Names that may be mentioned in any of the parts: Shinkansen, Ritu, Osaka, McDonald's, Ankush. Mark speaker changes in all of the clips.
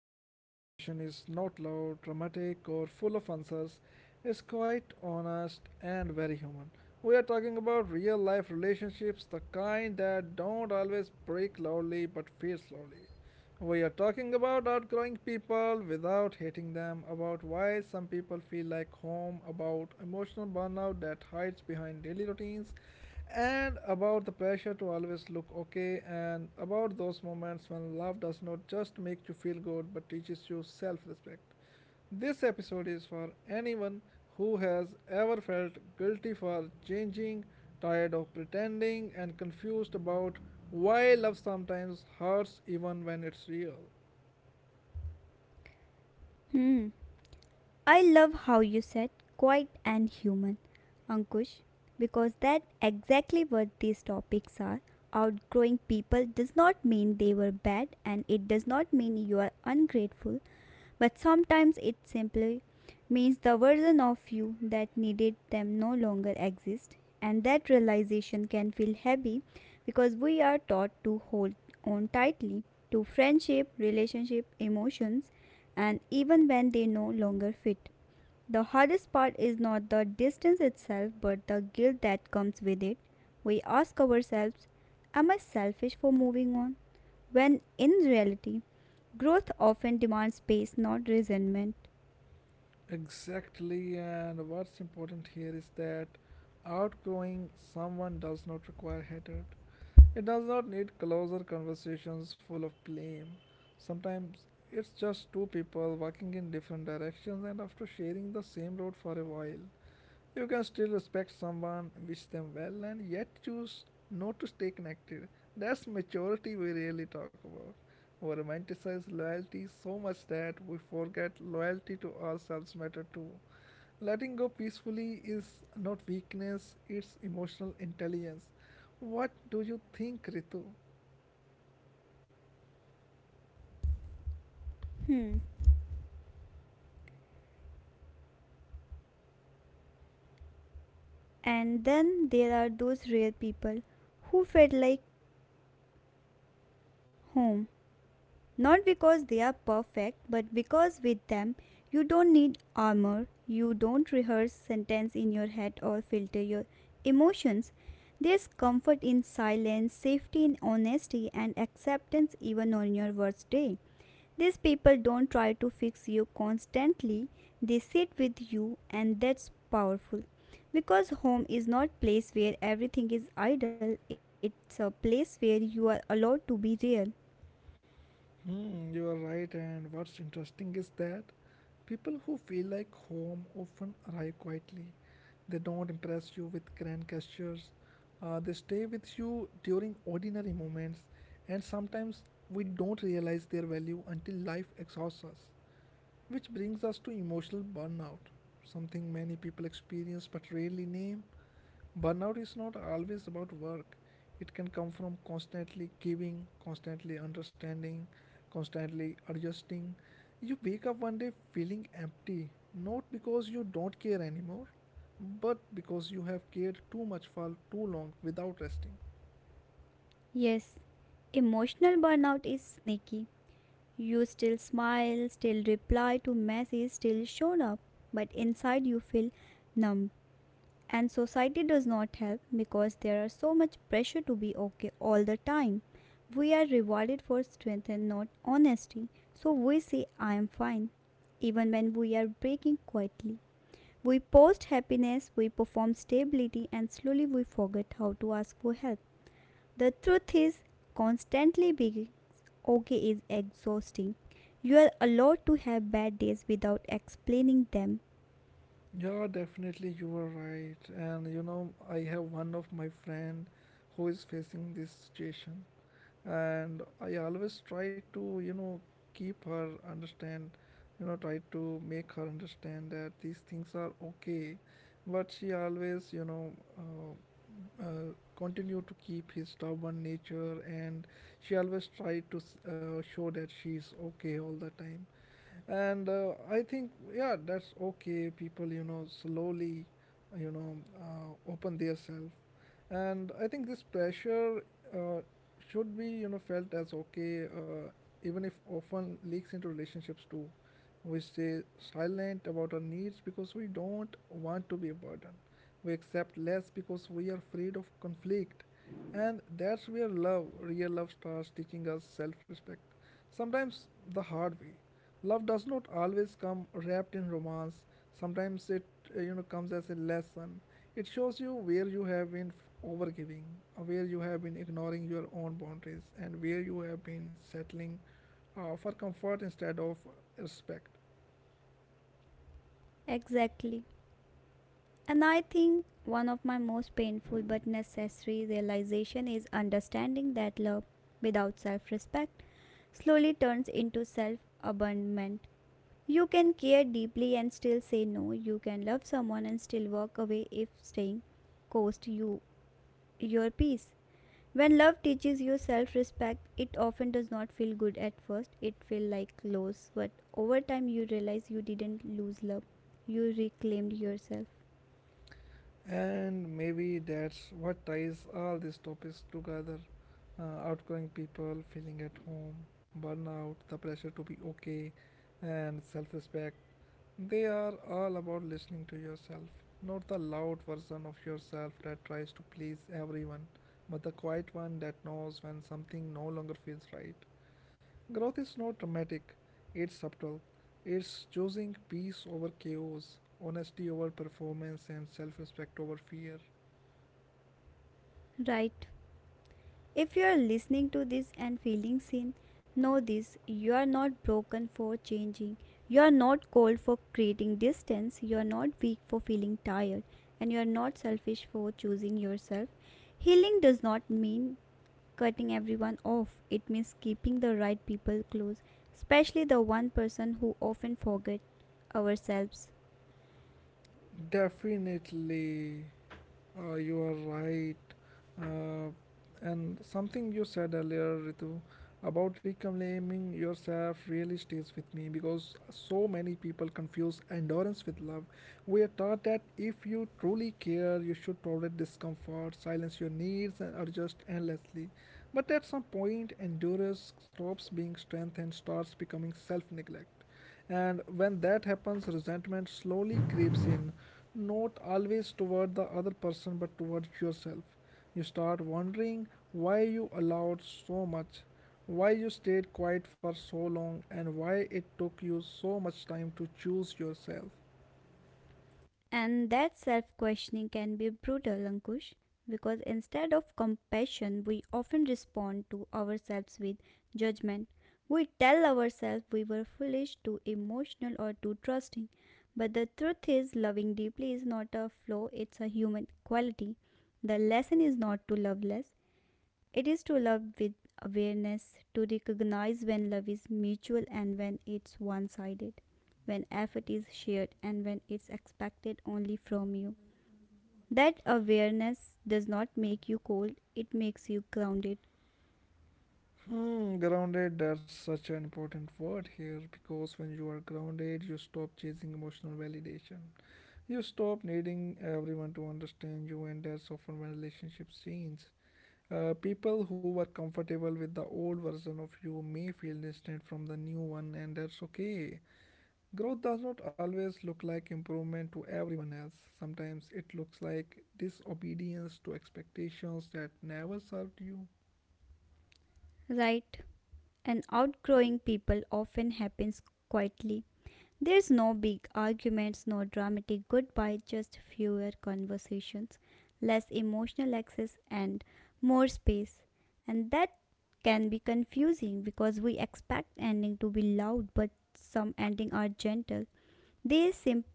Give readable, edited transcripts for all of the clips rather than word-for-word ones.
Speaker 1: Today's conversation is not loud, dramatic, or full of answers. It's quite honest and very human. We are talking about real life relationships, the kind that don't always break loudly but fade slowly. We are talking about outgrowing people without hating them, about why some people feel like home, about emotional burnout that hides behind daily routines, and about the pressure to always look okay, and about those moments when love does not just make you feel good but teaches you self respect. This episode is for anyone who has ever felt guilty for changing, tired of pretending, and confused about why love sometimes hurts even when it's real.
Speaker 2: Hmm. I love how you said quiet and human, Ankush, because that exactly what these topics are. Outgrowing people does not mean they were bad and it does not mean you are ungrateful but sometimes it simply means the version of you that needed them no longer exists. And that realization can feel heavy because we are taught to hold on tightly to friendship, relationship, emotions, and even when they no longer fit. The hardest part is not the distance itself, but the guilt that comes with it. We ask ourselves, am I selfish for moving on? When in reality, growth often demands space, not resentment.
Speaker 1: Exactly, and what's important here is that outgrowing someone does not require hatred. It does not need closer conversations full of blame. Sometimes it's just two people walking in different directions and after sharing the same road for a while. You can still respect someone, wish them well, and yet choose not to stay connected. That's maturity we rarely talk about. We romanticize loyalty so much that we forget loyalty to ourselves matter too. Letting go peacefully is not weakness, it's emotional intelligence. What do you think, Ritu?
Speaker 2: Hmm. And then there are those rare people who felt like home. Not because they are perfect, but because with them you don't need armor, you don't rehearse sentence in your head or filter your emotions. There's comfort in silence, safety in honesty, and acceptance even on your worst day. These people don't try to fix you constantly, they sit with you, and that's powerful. Because home is not place where everything is idle, it's a place where you are allowed to be real.
Speaker 1: Hmm, you are right, and what's interesting is that people who feel like home often arrive quietly. They don't impress you with grand gestures, they stay with you during ordinary moments, and sometimes we don't realize their value until life exhausts us. Which brings us to emotional burnout, something many people experience but rarely name. Burnout is not always about work, it can come from constantly giving, constantly understanding, constantly adjusting. You wake up one day feeling empty, not because you don't care anymore, but because you have cared too much for too long without resting.
Speaker 2: Yes, emotional burnout is sneaky. You still smile, still reply to messages, still show up, but inside you feel numb. And society does not help because there are so much pressure to be okay all the time. We are rewarded for strength and not honesty, so we say I am fine, even when we are breaking quietly. We post happiness, we perform stability, and slowly we forget how to ask for help. The truth is, constantly being okay is exhausting. You are allowed to have bad days without explaining them.
Speaker 1: Yeah, definitely you are right. And you know, I have one of my friend who is facing this situation, and I always try to keep her understand, try to make her understand that these things are okay, but she always uh, continue to keep his stubborn nature, and she always try to show that she's okay all the time. And I think, yeah, that's okay. People, slowly, open their self. And I think this pressure uh, should be, felt as okay, even if often leaks into relationships too. We stay silent about our needs because we don't want to be a burden. We accept less because we are afraid of conflict. And that's where love, real love, starts teaching us self-respect, sometimes the hard way. Love does not always come wrapped in romance. Sometimes it comes as a lesson. It shows you where you have been overgiving, where you have been ignoring your own boundaries, and where you have been settling for comfort instead of respect.
Speaker 2: Exactly. And I think one of my most painful but necessary realization is understanding that love without self-respect slowly turns into self-abandonment. You can care deeply and still say no. You can love someone and still walk away if staying costs you your peace. When love teaches you self respect, it often does not feel good at first. It feels like loss, but over time you realize you didn't lose love. You reclaimed yourself.
Speaker 1: And maybe that's what ties all these topics together: outgoing people, feeling at home, burnout, the pressure to be okay, and self respect. They are all about listening to yourself, not the loud version of yourself that tries to please everyone, but the quiet one that knows when something no longer feels right. Growth is not dramatic, it's subtle. It's choosing peace over chaos, honesty over performance, and self respect over fear.
Speaker 2: Right. If you are listening to this and feeling seen, know this, you are not broken for changing. You are not cold for creating distance. You are not weak for feeling tired. And you are not selfish for choosing yourself. Healing does not mean cutting everyone off. It means keeping the right people close, especially the one person who often forget ourselves.
Speaker 1: Definitely. You are right. Uh, and something you said earlier, Ritu, about reclaiming yourself really stays with me because so many people confuse endurance with love. We are taught that if you truly care, you should tolerate discomfort, silence your needs, and adjust endlessly. But at some point, endurance stops being strength and starts becoming self neglect. And when that happens, resentment slowly creeps in, not always toward the other person but towards yourself. You start wondering why you allowed so much, why you stayed quiet for so long, and why it took you so much time to choose yourself.
Speaker 2: And that self questioning can be brutal, Ankush, because instead of compassion, we often respond to ourselves with judgment. We tell ourselves we were foolish, too emotional, or too trusting. But the truth is, loving deeply is not a flaw, it's a human quality. The lesson is not to love less, it is to love with awareness, to recognize when love is mutual and when it's one sided, when effort is shared and when it's expected only from you. That awareness does not make you cold, it makes you grounded.
Speaker 1: Hmm, grounded, that's such an important word here because when you are grounded, you stop chasing emotional validation. You stop needing everyone to understand you, and that's often when relationships change. People who were comfortable with the old version of you may feel distant from the new one, and that's okay. Growth does not always look like improvement to everyone else. Sometimes it looks like disobedience to expectations that never served you.
Speaker 2: Right? And outgrowing people often happens quietly. There's no big arguments, no dramatic goodbye, just fewer conversations, less emotional access, and more space. And that can be confusing because we expect ending to be loud, but some ending are gentle. They simply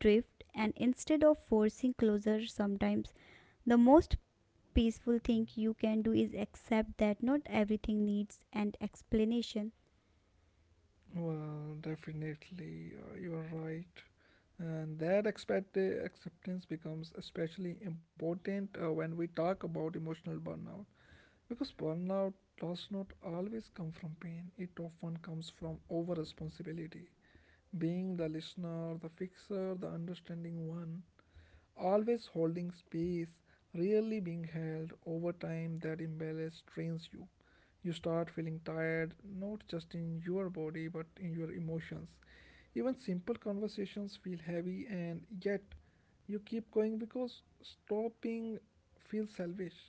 Speaker 2: drift, and instead of forcing closure, sometimes the most peaceful thing you can do is accept that not everything needs an explanation.
Speaker 1: Well, definitely, you're right. And that acceptance becomes especially important when we talk about emotional burnout. Because burnout does not always come from pain, it often comes from over responsibility. Being the listener, the fixer, the understanding one, always holding space, rarely being held, over time that imbalance strains you. You start feeling tired, not just in your body but in your emotions. Even simple conversations feel heavy, and yet you keep going because stopping feels selfish.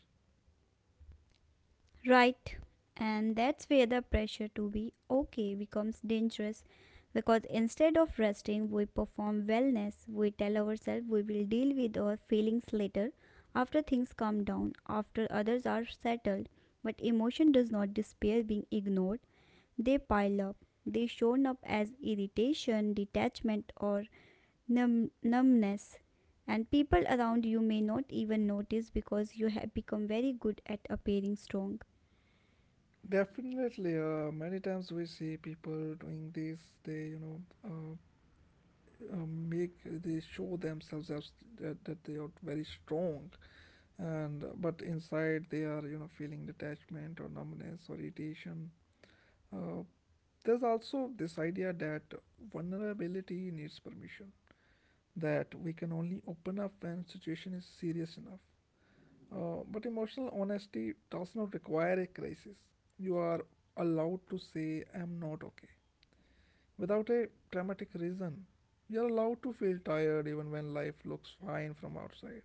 Speaker 2: Right. And that's where the pressure to be okay becomes dangerous because instead of resting, we perform wellness. We tell ourselves we will deal with our feelings later, after things calm down, after others are settled. But emotion does not disappear being ignored, they pile up. They shown up as irritation, detachment, or numbness. And people around you may not even notice because you have become very good at appearing strong.
Speaker 1: Definitely, many times we see people doing this. They, make they show themselves as that they are very strong, and but inside they are, feeling detachment or numbness or irritation. Uh, there's also this idea that vulnerability needs permission, that we can only open up when situation is serious enough. But emotional honesty does not require a crisis. You are allowed to say, "I'm not okay," without a dramatic reason. We are allowed to feel tired even when life looks fine from outside.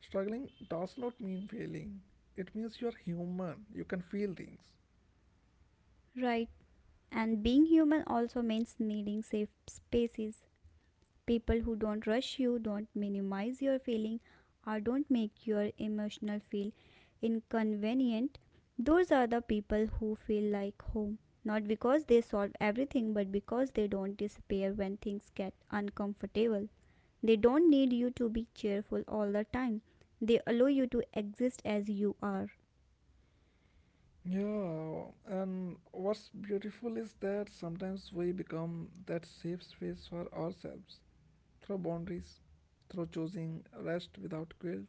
Speaker 1: Struggling does not mean failing, it means you're human, you can feel things.
Speaker 2: Right. And being human also means needing safe spaces. People who don't rush you, don't minimize your feeling, or don't make your emotional feel inconvenient. Those are the people who feel like home. Not because they solve everything, but because they don't disappear when things get uncomfortable. They don't need you to be cheerful all the time. They allow you to exist as you are.
Speaker 1: Yeah, and what's beautiful is that sometimes we become that safe space for ourselves through boundaries, through choosing rest without guilt,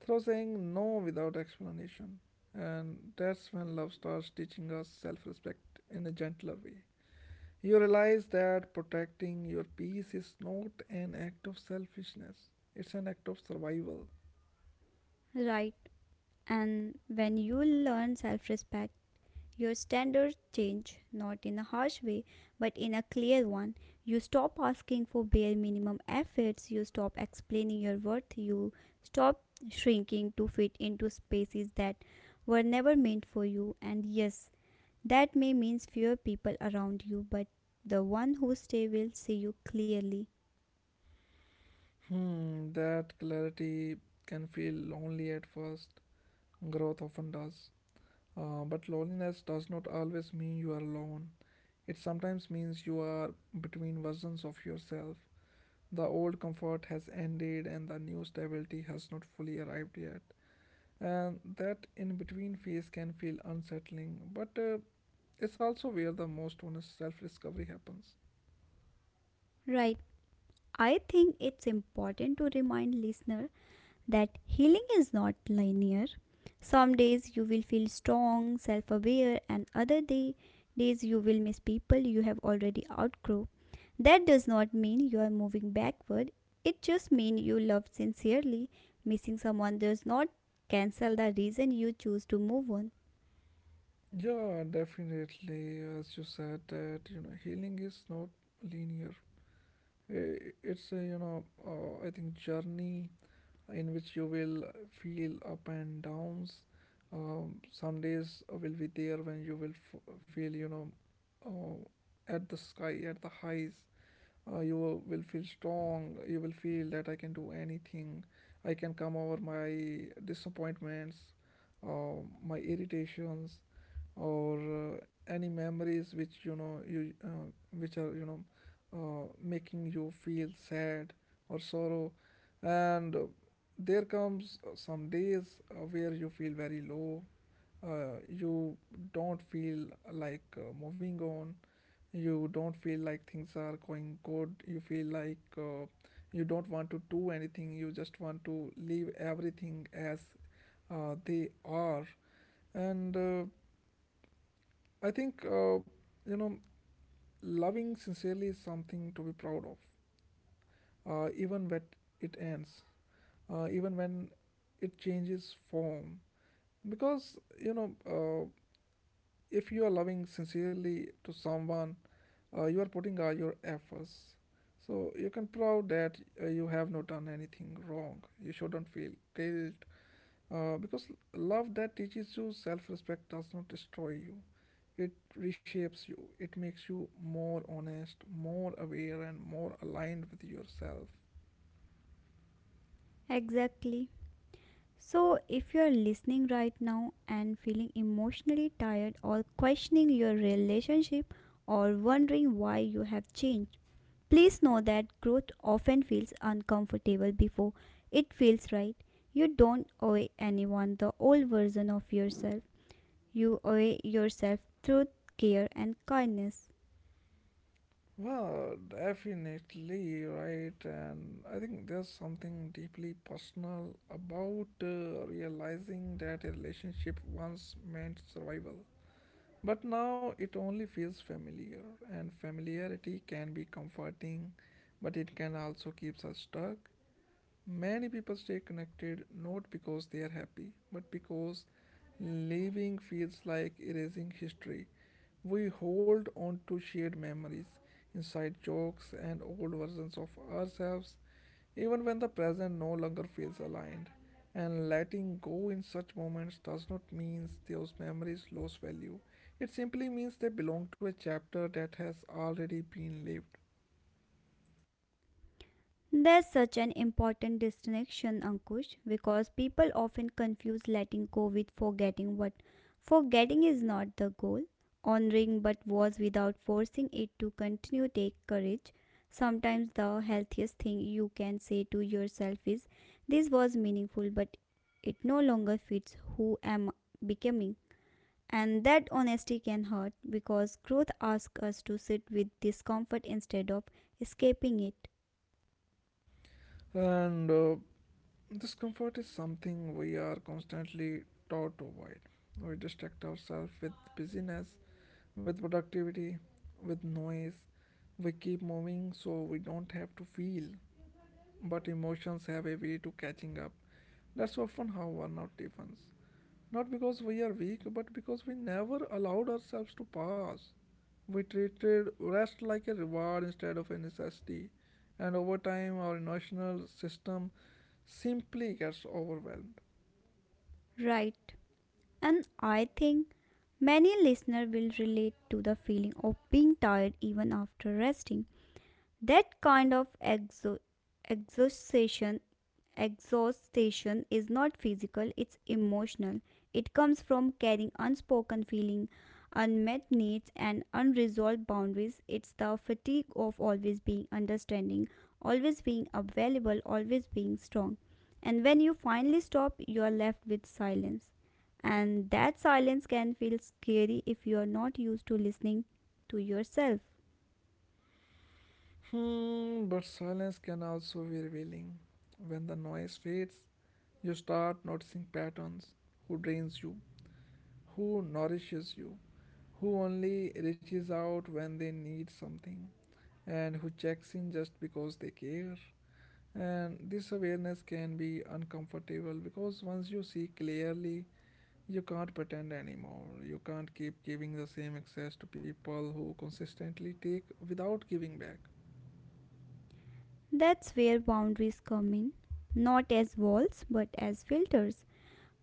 Speaker 1: through saying no without explanation. And that's when love starts teaching us self respect in a gentler way. You realize that protecting your peace is not an act of selfishness, it's an act of survival.
Speaker 2: Right. And when you learn self respect, your standards change, not in a harsh way, but in a clear one. You stop asking for bare minimum efforts, you stop explaining your worth, you stop shrinking to fit into spaces that were never meant for you. And yes, that may mean fewer people around you, but the one who stay will see you clearly.
Speaker 1: Hmm, that clarity can feel lonely at first. Growth often does. But loneliness does not always mean you are alone. It sometimes means you are between versions of yourself. The old comfort has ended and the new stability has not fully arrived yet. And that in between phase can feel unsettling, but it's also where the most honest self discovery happens.
Speaker 2: Right. I think it's important to remind listener that healing is not linear. Some days you will feel strong, self aware, and days you will miss people you have already outgrown. That does not mean you are moving backward, it just means you love sincerely. Missing someone does not cancel the reason you choose to move on.
Speaker 1: Yeah, definitely. As you said, healing is not linear. It's a, I think, journey in which you will feel up and downs. Some days will be there when you will feel, uh, at the sky, at the highs. You will feel strong. You will feel that I can do anything. I can come over my disappointments, uh, my irritations, or any memories which, you know you which are, making you feel sad or sorrow. And there comes some days where you feel very low. You don't feel like moving on. You don't feel like things are going good. You feel like you don't want to do anything. You just want to leave everything as they are. And I think you know loving sincerely is something to be proud of, even when it ends, even when it changes form. Because, if you are loving sincerely to someone, you are putting your efforts, so you can prove that you have not done anything wrong. You shouldn't feel guilt, because love that teaches you self-respect does not destroy you, it reshapes you. It makes you more honest, more aware, and more aligned with yourself.
Speaker 2: Exactly. So, if you're listening right now and feeling emotionally tired or questioning your relationship or wondering why you have changed, please know that growth often feels uncomfortable before it feels right. You don't owe anyone the old version of yourself, you owe yourself truth, care, and kindness.
Speaker 1: Well, definitely, right. And I think there's something deeply personal about realizing that a relationship once meant survival. But now it only feels familiar, and familiarity can be comforting, but it can also keep us stuck. Many people stay connected not because they are happy, but because living feels like erasing history. We hold on to shared memories, inside jokes, and old versions of ourselves, even when the present no longer feels aligned. And letting go in such moments does not mean those memories lose value. It simply means they belong to a chapter that has already been lived.
Speaker 2: There's such an important distinction, Ankush, because people often confuse letting go with forgetting. But forgetting is not the goal. Honoring but was without forcing it to continue take courage. Sometimes the healthiest thing you can say to yourself is, "This was meaningful, but it no longer fits who am becoming." And that honesty can hurt because growth asks us to sit with discomfort instead of escaping it.
Speaker 1: And discomfort is something we are constantly taught to avoid. We distract ourselves with busyness, with productivity, with noise. We keep moving so we don't have to feel, but emotions have a way to catching up. That's often how burnout deepens. Not because we are weak, but because we never allowed ourselves to pause. We treated rest like a reward instead of a necessity, and over time, our emotional system simply gets overwhelmed.
Speaker 2: Right. And I think many listeners will relate to the feeling of being tired even after resting. That kind of exhaustion exhaustion is not physical, it's emotional. It comes from carrying unspoken feeling, unmet needs and unresolved boundaries. It's the fatigue of always being understanding, always being available, always being strong. And when you finally stop, you are left with silence. And that silence can feel scary if you are not used to listening to yourself.
Speaker 1: Hmm, but silence can also be revealing. When the noise fades, you start noticing patterns: who drains you, who nourishes you, who only reaches out when they need something, and who checks in just because they care. And this awareness can be uncomfortable because once you see clearly, you can't pretend anymore. You can't keep giving the same access to people who consistently take without giving back.
Speaker 2: That's where boundaries come in, not as walls but as filters.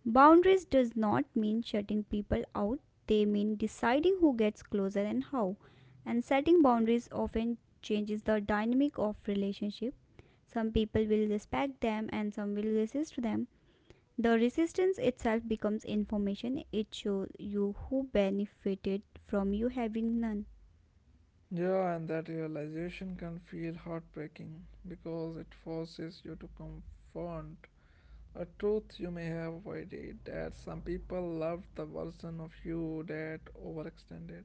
Speaker 2: Boundaries does not mean shutting people out, they mean deciding who gets closer and how. And setting boundaries often changes the dynamic of relationship. Some people will respect them and some will resist them. The resistance itself becomes information. It shows you who benefited from you having none.
Speaker 1: Yeah, and that realization can feel heartbreaking because it forces you to confront a truth you may have avoided, that some people loved the version of you that overextended,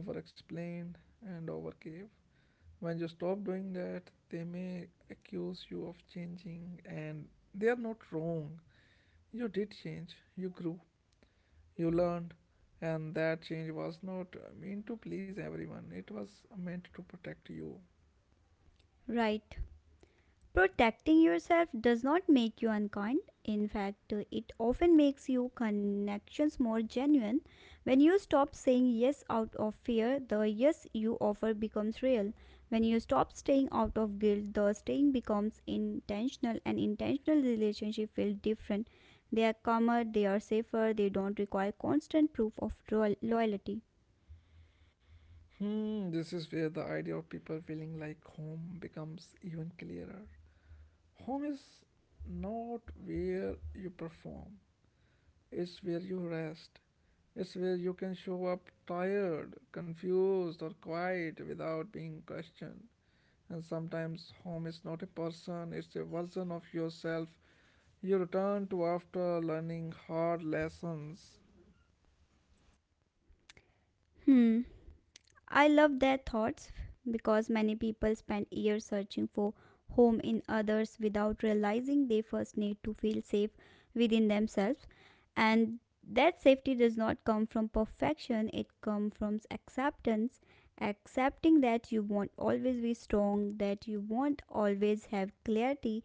Speaker 1: overexplained, and overgave. When you stop doing that, they may accuse you of changing, and they are not wrong. You did change, you grew, you learned, and that change was not meant to please everyone, it was meant to protect you.
Speaker 2: Right. Protecting yourself does not make you unkind. In fact, it often makes your connections more genuine. When you stop saying yes out of fear, the yes you offer becomes real. When you stop staying out of guilt, the staying becomes intentional, and intentional relationships feel different. They are calmer, they are safer, they don't require constant proof of loyalty.
Speaker 1: Hmm, this is where the idea of people feeling like home becomes even clearer. Home is not where you perform, it's where you rest. It's where you can show up tired, confused, or quiet without being questioned. And sometimes home is not a person, it's a version of yourself you return to after learning hard lessons.
Speaker 2: Hmm. I love their thoughts because many people spend years searching for home in others without realizing they first need to feel safe within themselves, and that safety does not come from perfection, it comes from acceptance, accepting that you won't always be strong, that you won't always have clarity,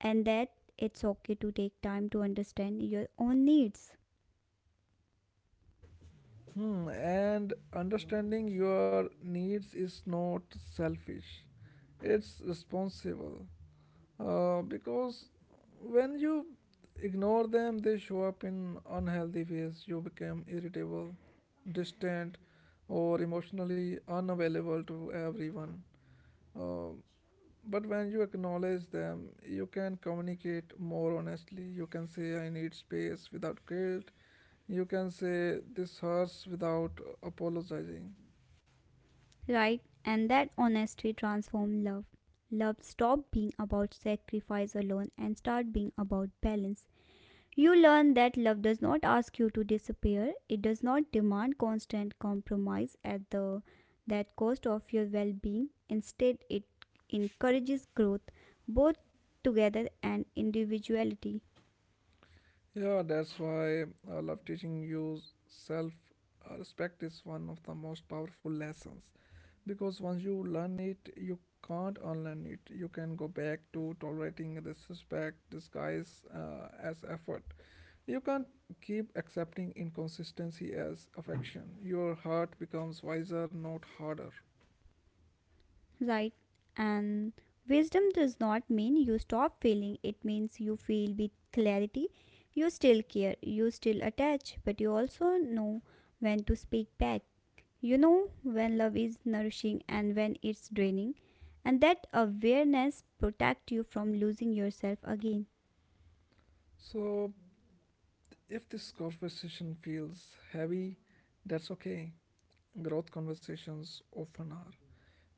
Speaker 2: and that it's okay to take time to understand your own needs.
Speaker 1: Hmm, and understanding your needs is not selfish, it's responsible. Because when you ignore them, they show up in unhealthy ways. You become irritable, distant, or emotionally unavailable to everyone. Uh, but when you acknowledge them, you can communicate more honestly. You can say, "I need space," without guilt. You can say, "This hurts," without apologizing.
Speaker 2: Right, and that honesty transforms love. Love stop being about sacrifice alone and start being about balance. You learn that love does not ask you to disappear. It does not demand constant compromise at the that cost of your well-being. Instead, it encourages growth both together and individuality.
Speaker 1: Yeah, that's why I love teaching you self respect is one of the most powerful lessons. Because once you learn it, you can't unlearn it. You can go back to tolerating disrespect disguise as effort. You can't keep accepting inconsistency as affection. Your heart becomes wiser, not harder.
Speaker 2: Right. And wisdom does not mean you stop feeling, it means you feel with clarity. You still care, you still attach, but you also know when to speak back. You know when love is nourishing and when it's draining. And that awareness protects you from losing yourself again.
Speaker 1: So if this conversation feels heavy, that's okay. Growth conversations often are.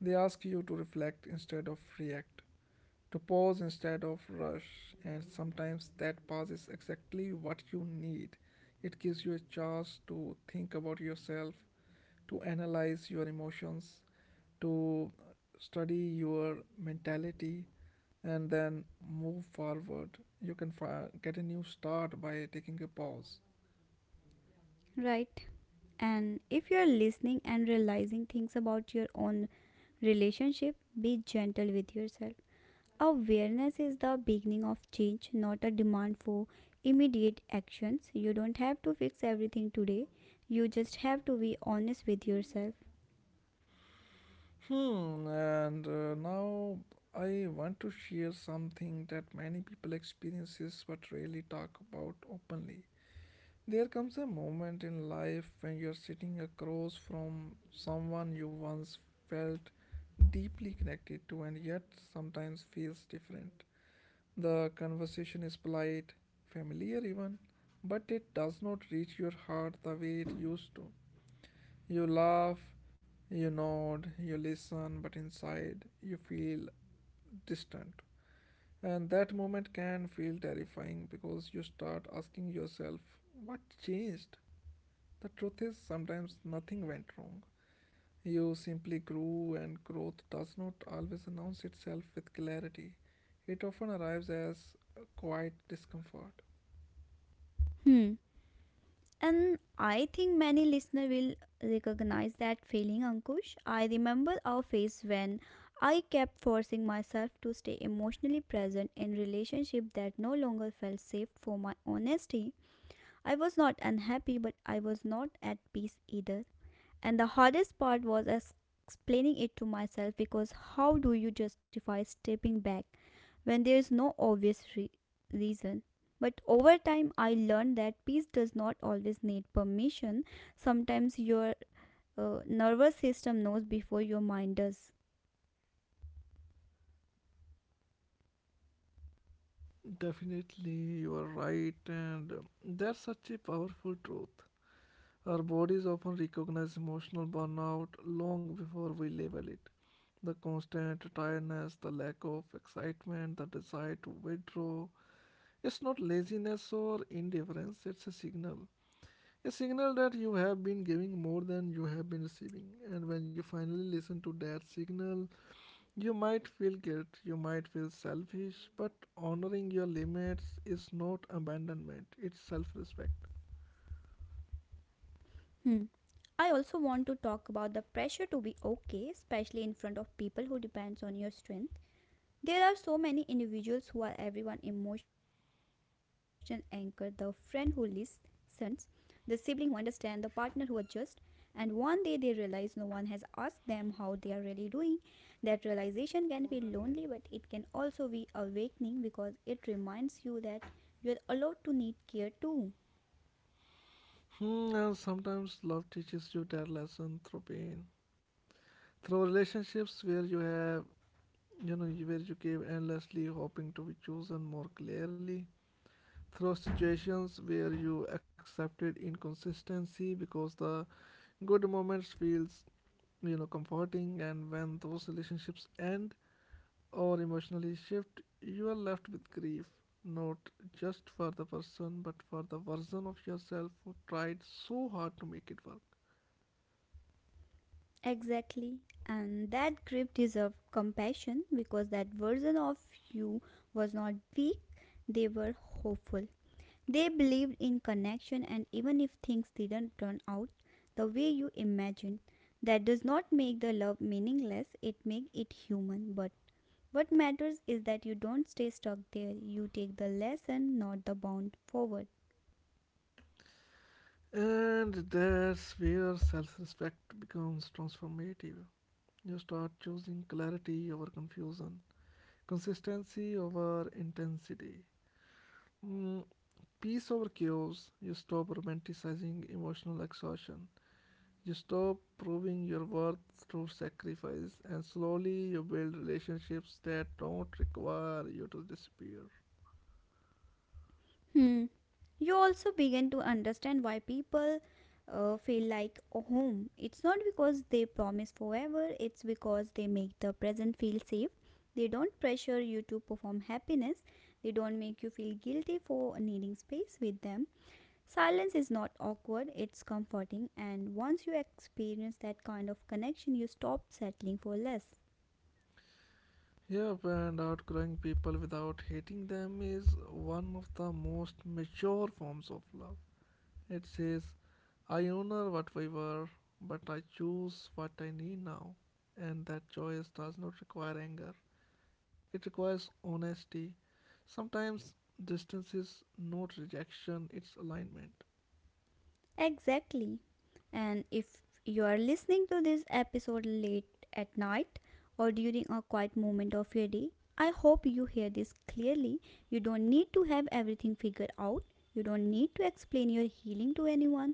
Speaker 1: They ask you to reflect instead of react, to pause instead of rush, and sometimes that pause is exactly what you need. It gives you a chance to think about yourself, to analyze your emotions, to study your mentality, and then move forward. You can get a new start by taking a pause.
Speaker 2: Right. And if you're listening and realizing things about your own relationship, be gentle with yourself. Awareness is the beginning of change, not a demand for immediate actions. You don't have to fix everything today. You just have to be honest with yourself.
Speaker 1: Hmm, and now I want to share something that many people experiences but rarely talk about openly. There comes a moment in life when you're sitting across from someone you once felt deeply connected to, and yet sometimes feels different. The conversation is polite, familiar even, but it does not reach your heart the way it used to. You laugh, you nod, you listen, but inside you feel distant. And that moment can feel terrifying because you start asking yourself, what changed? The truth is, sometimes nothing went wrong. You simply grew, and growth does not always announce itself with clarity. It often arrives as a quiet discomfort.
Speaker 2: Hmm. And I think many listener will recognize that feeling, Ankush. I remember our phase when I kept forcing myself to stay emotionally present in relationship that no longer felt safe for my honesty. I was not unhappy, but I was not at peace either. And the hardest part was explaining it to myself because how do you justify stepping back when there is no obvious reason? But over time, I learned that peace does not always need permission. Sometimes your nervous system knows before your mind does.
Speaker 1: Definitely, you are right, and that's such a powerful truth. Our bodies often recognize emotional burnout long before we label it. The constant tiredness, the lack of excitement, the desire to withdraw. It's not laziness or indifference, it's a signal. A signal that you have been giving more than you have been receiving. And when you finally listen to that signal, you might feel guilt, you might feel selfish, but honoring your limits is not abandonment, it's self respect.
Speaker 2: Hmm. I also want to talk about the pressure to be okay, especially in front of people who depends on your strength. There are so many individuals who are everyone emotional anchor, the friend who listens, the sibling who understands, the partner who adjusts, and one day they realize no one has asked them how they are really doing. That realization can feel lonely, but it can also be awakening because it reminds you that you're allowed to need care too.
Speaker 1: Hmm, and sometimes love teaches you that lesson through pain, through relationships where you have, where you gave endlessly, hoping to be chosen more clearly, through situations where you accepted inconsistency because the good moments feels, comforting. And when those relationships end or emotionally shift, you are left with grief, not just for the person, but for the version of yourself who tried so hard to make it work.
Speaker 2: Exactly. And that grip deserves compassion because that version of you was not weak, they were hopeful. They believed in connection, and even if things didn't turn out the way you imagined, that does not make the love meaningless, it makes it human. But what matters is that you don't stay stuck there, you take the lesson, not the bound forward.
Speaker 1: And that's where self-respect becomes transformative. You start choosing clarity over confusion, consistency over intensity, mm, peace over chaos. You stop romanticizing emotional exhaustion. You stop proving your worth through sacrifice, and slowly you build relationships that don't require you to disappear.
Speaker 2: Hmm. You also begin to understand why people feel like a home. It's not because they promise forever, it's because they make the present feel safe. They don't pressure you to perform happiness, they don't make you feel guilty for needing space with them. Silence is not awkward, it's comforting, and once you experience that kind of connection, you stop settling for less.
Speaker 1: Yep, and outgrowing people without hating them is one of the most mature forms of love. It says, I honor what we were, but I choose what I need now. And that choice does not require anger, it requires honesty. Sometimes distance is not rejection, it's alignment.
Speaker 2: Exactly. And if you are listening to this episode late at night or during a quiet moment of your day, I hope you hear this clearly. You don't need to have everything figured out. You don't need to explain your healing to anyone.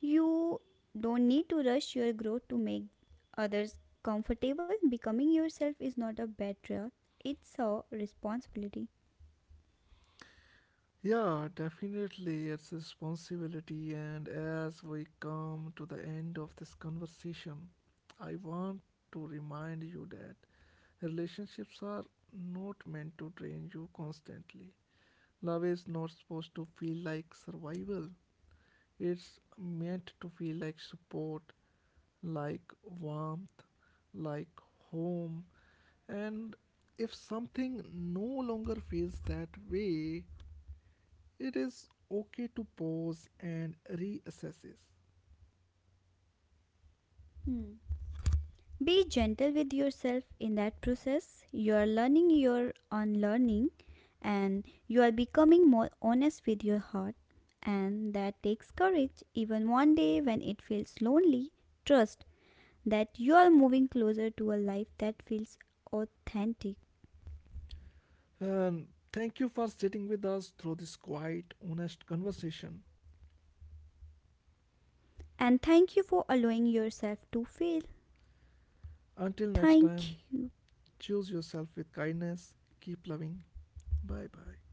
Speaker 2: You don't need to rush your growth to make others comfortable. Becoming yourself is not a betrayal, it's a responsibility.
Speaker 1: Yeah, definitely, it's a responsibility. And as we come to the end of this conversation, I want to remind you that relationships are not meant to drain you constantly. Love is not supposed to feel like survival, it's meant to feel like support, like warmth, like home. And if something no longer feels that way, it is okay to pause and reassess this.
Speaker 2: Hmm. Be gentle with yourself in that process. You are learning your unlearning and you are becoming more honest with your heart. And that takes courage. Even one day when it feels lonely, trust that you are moving closer to a life that feels authentic.
Speaker 1: And thank you for sitting with us through this quiet, honest conversation.
Speaker 2: And thank you for allowing yourself to feel.
Speaker 1: Until next time,
Speaker 2: Thank you.
Speaker 1: choose yourself with kindness. Keep loving. Bye bye.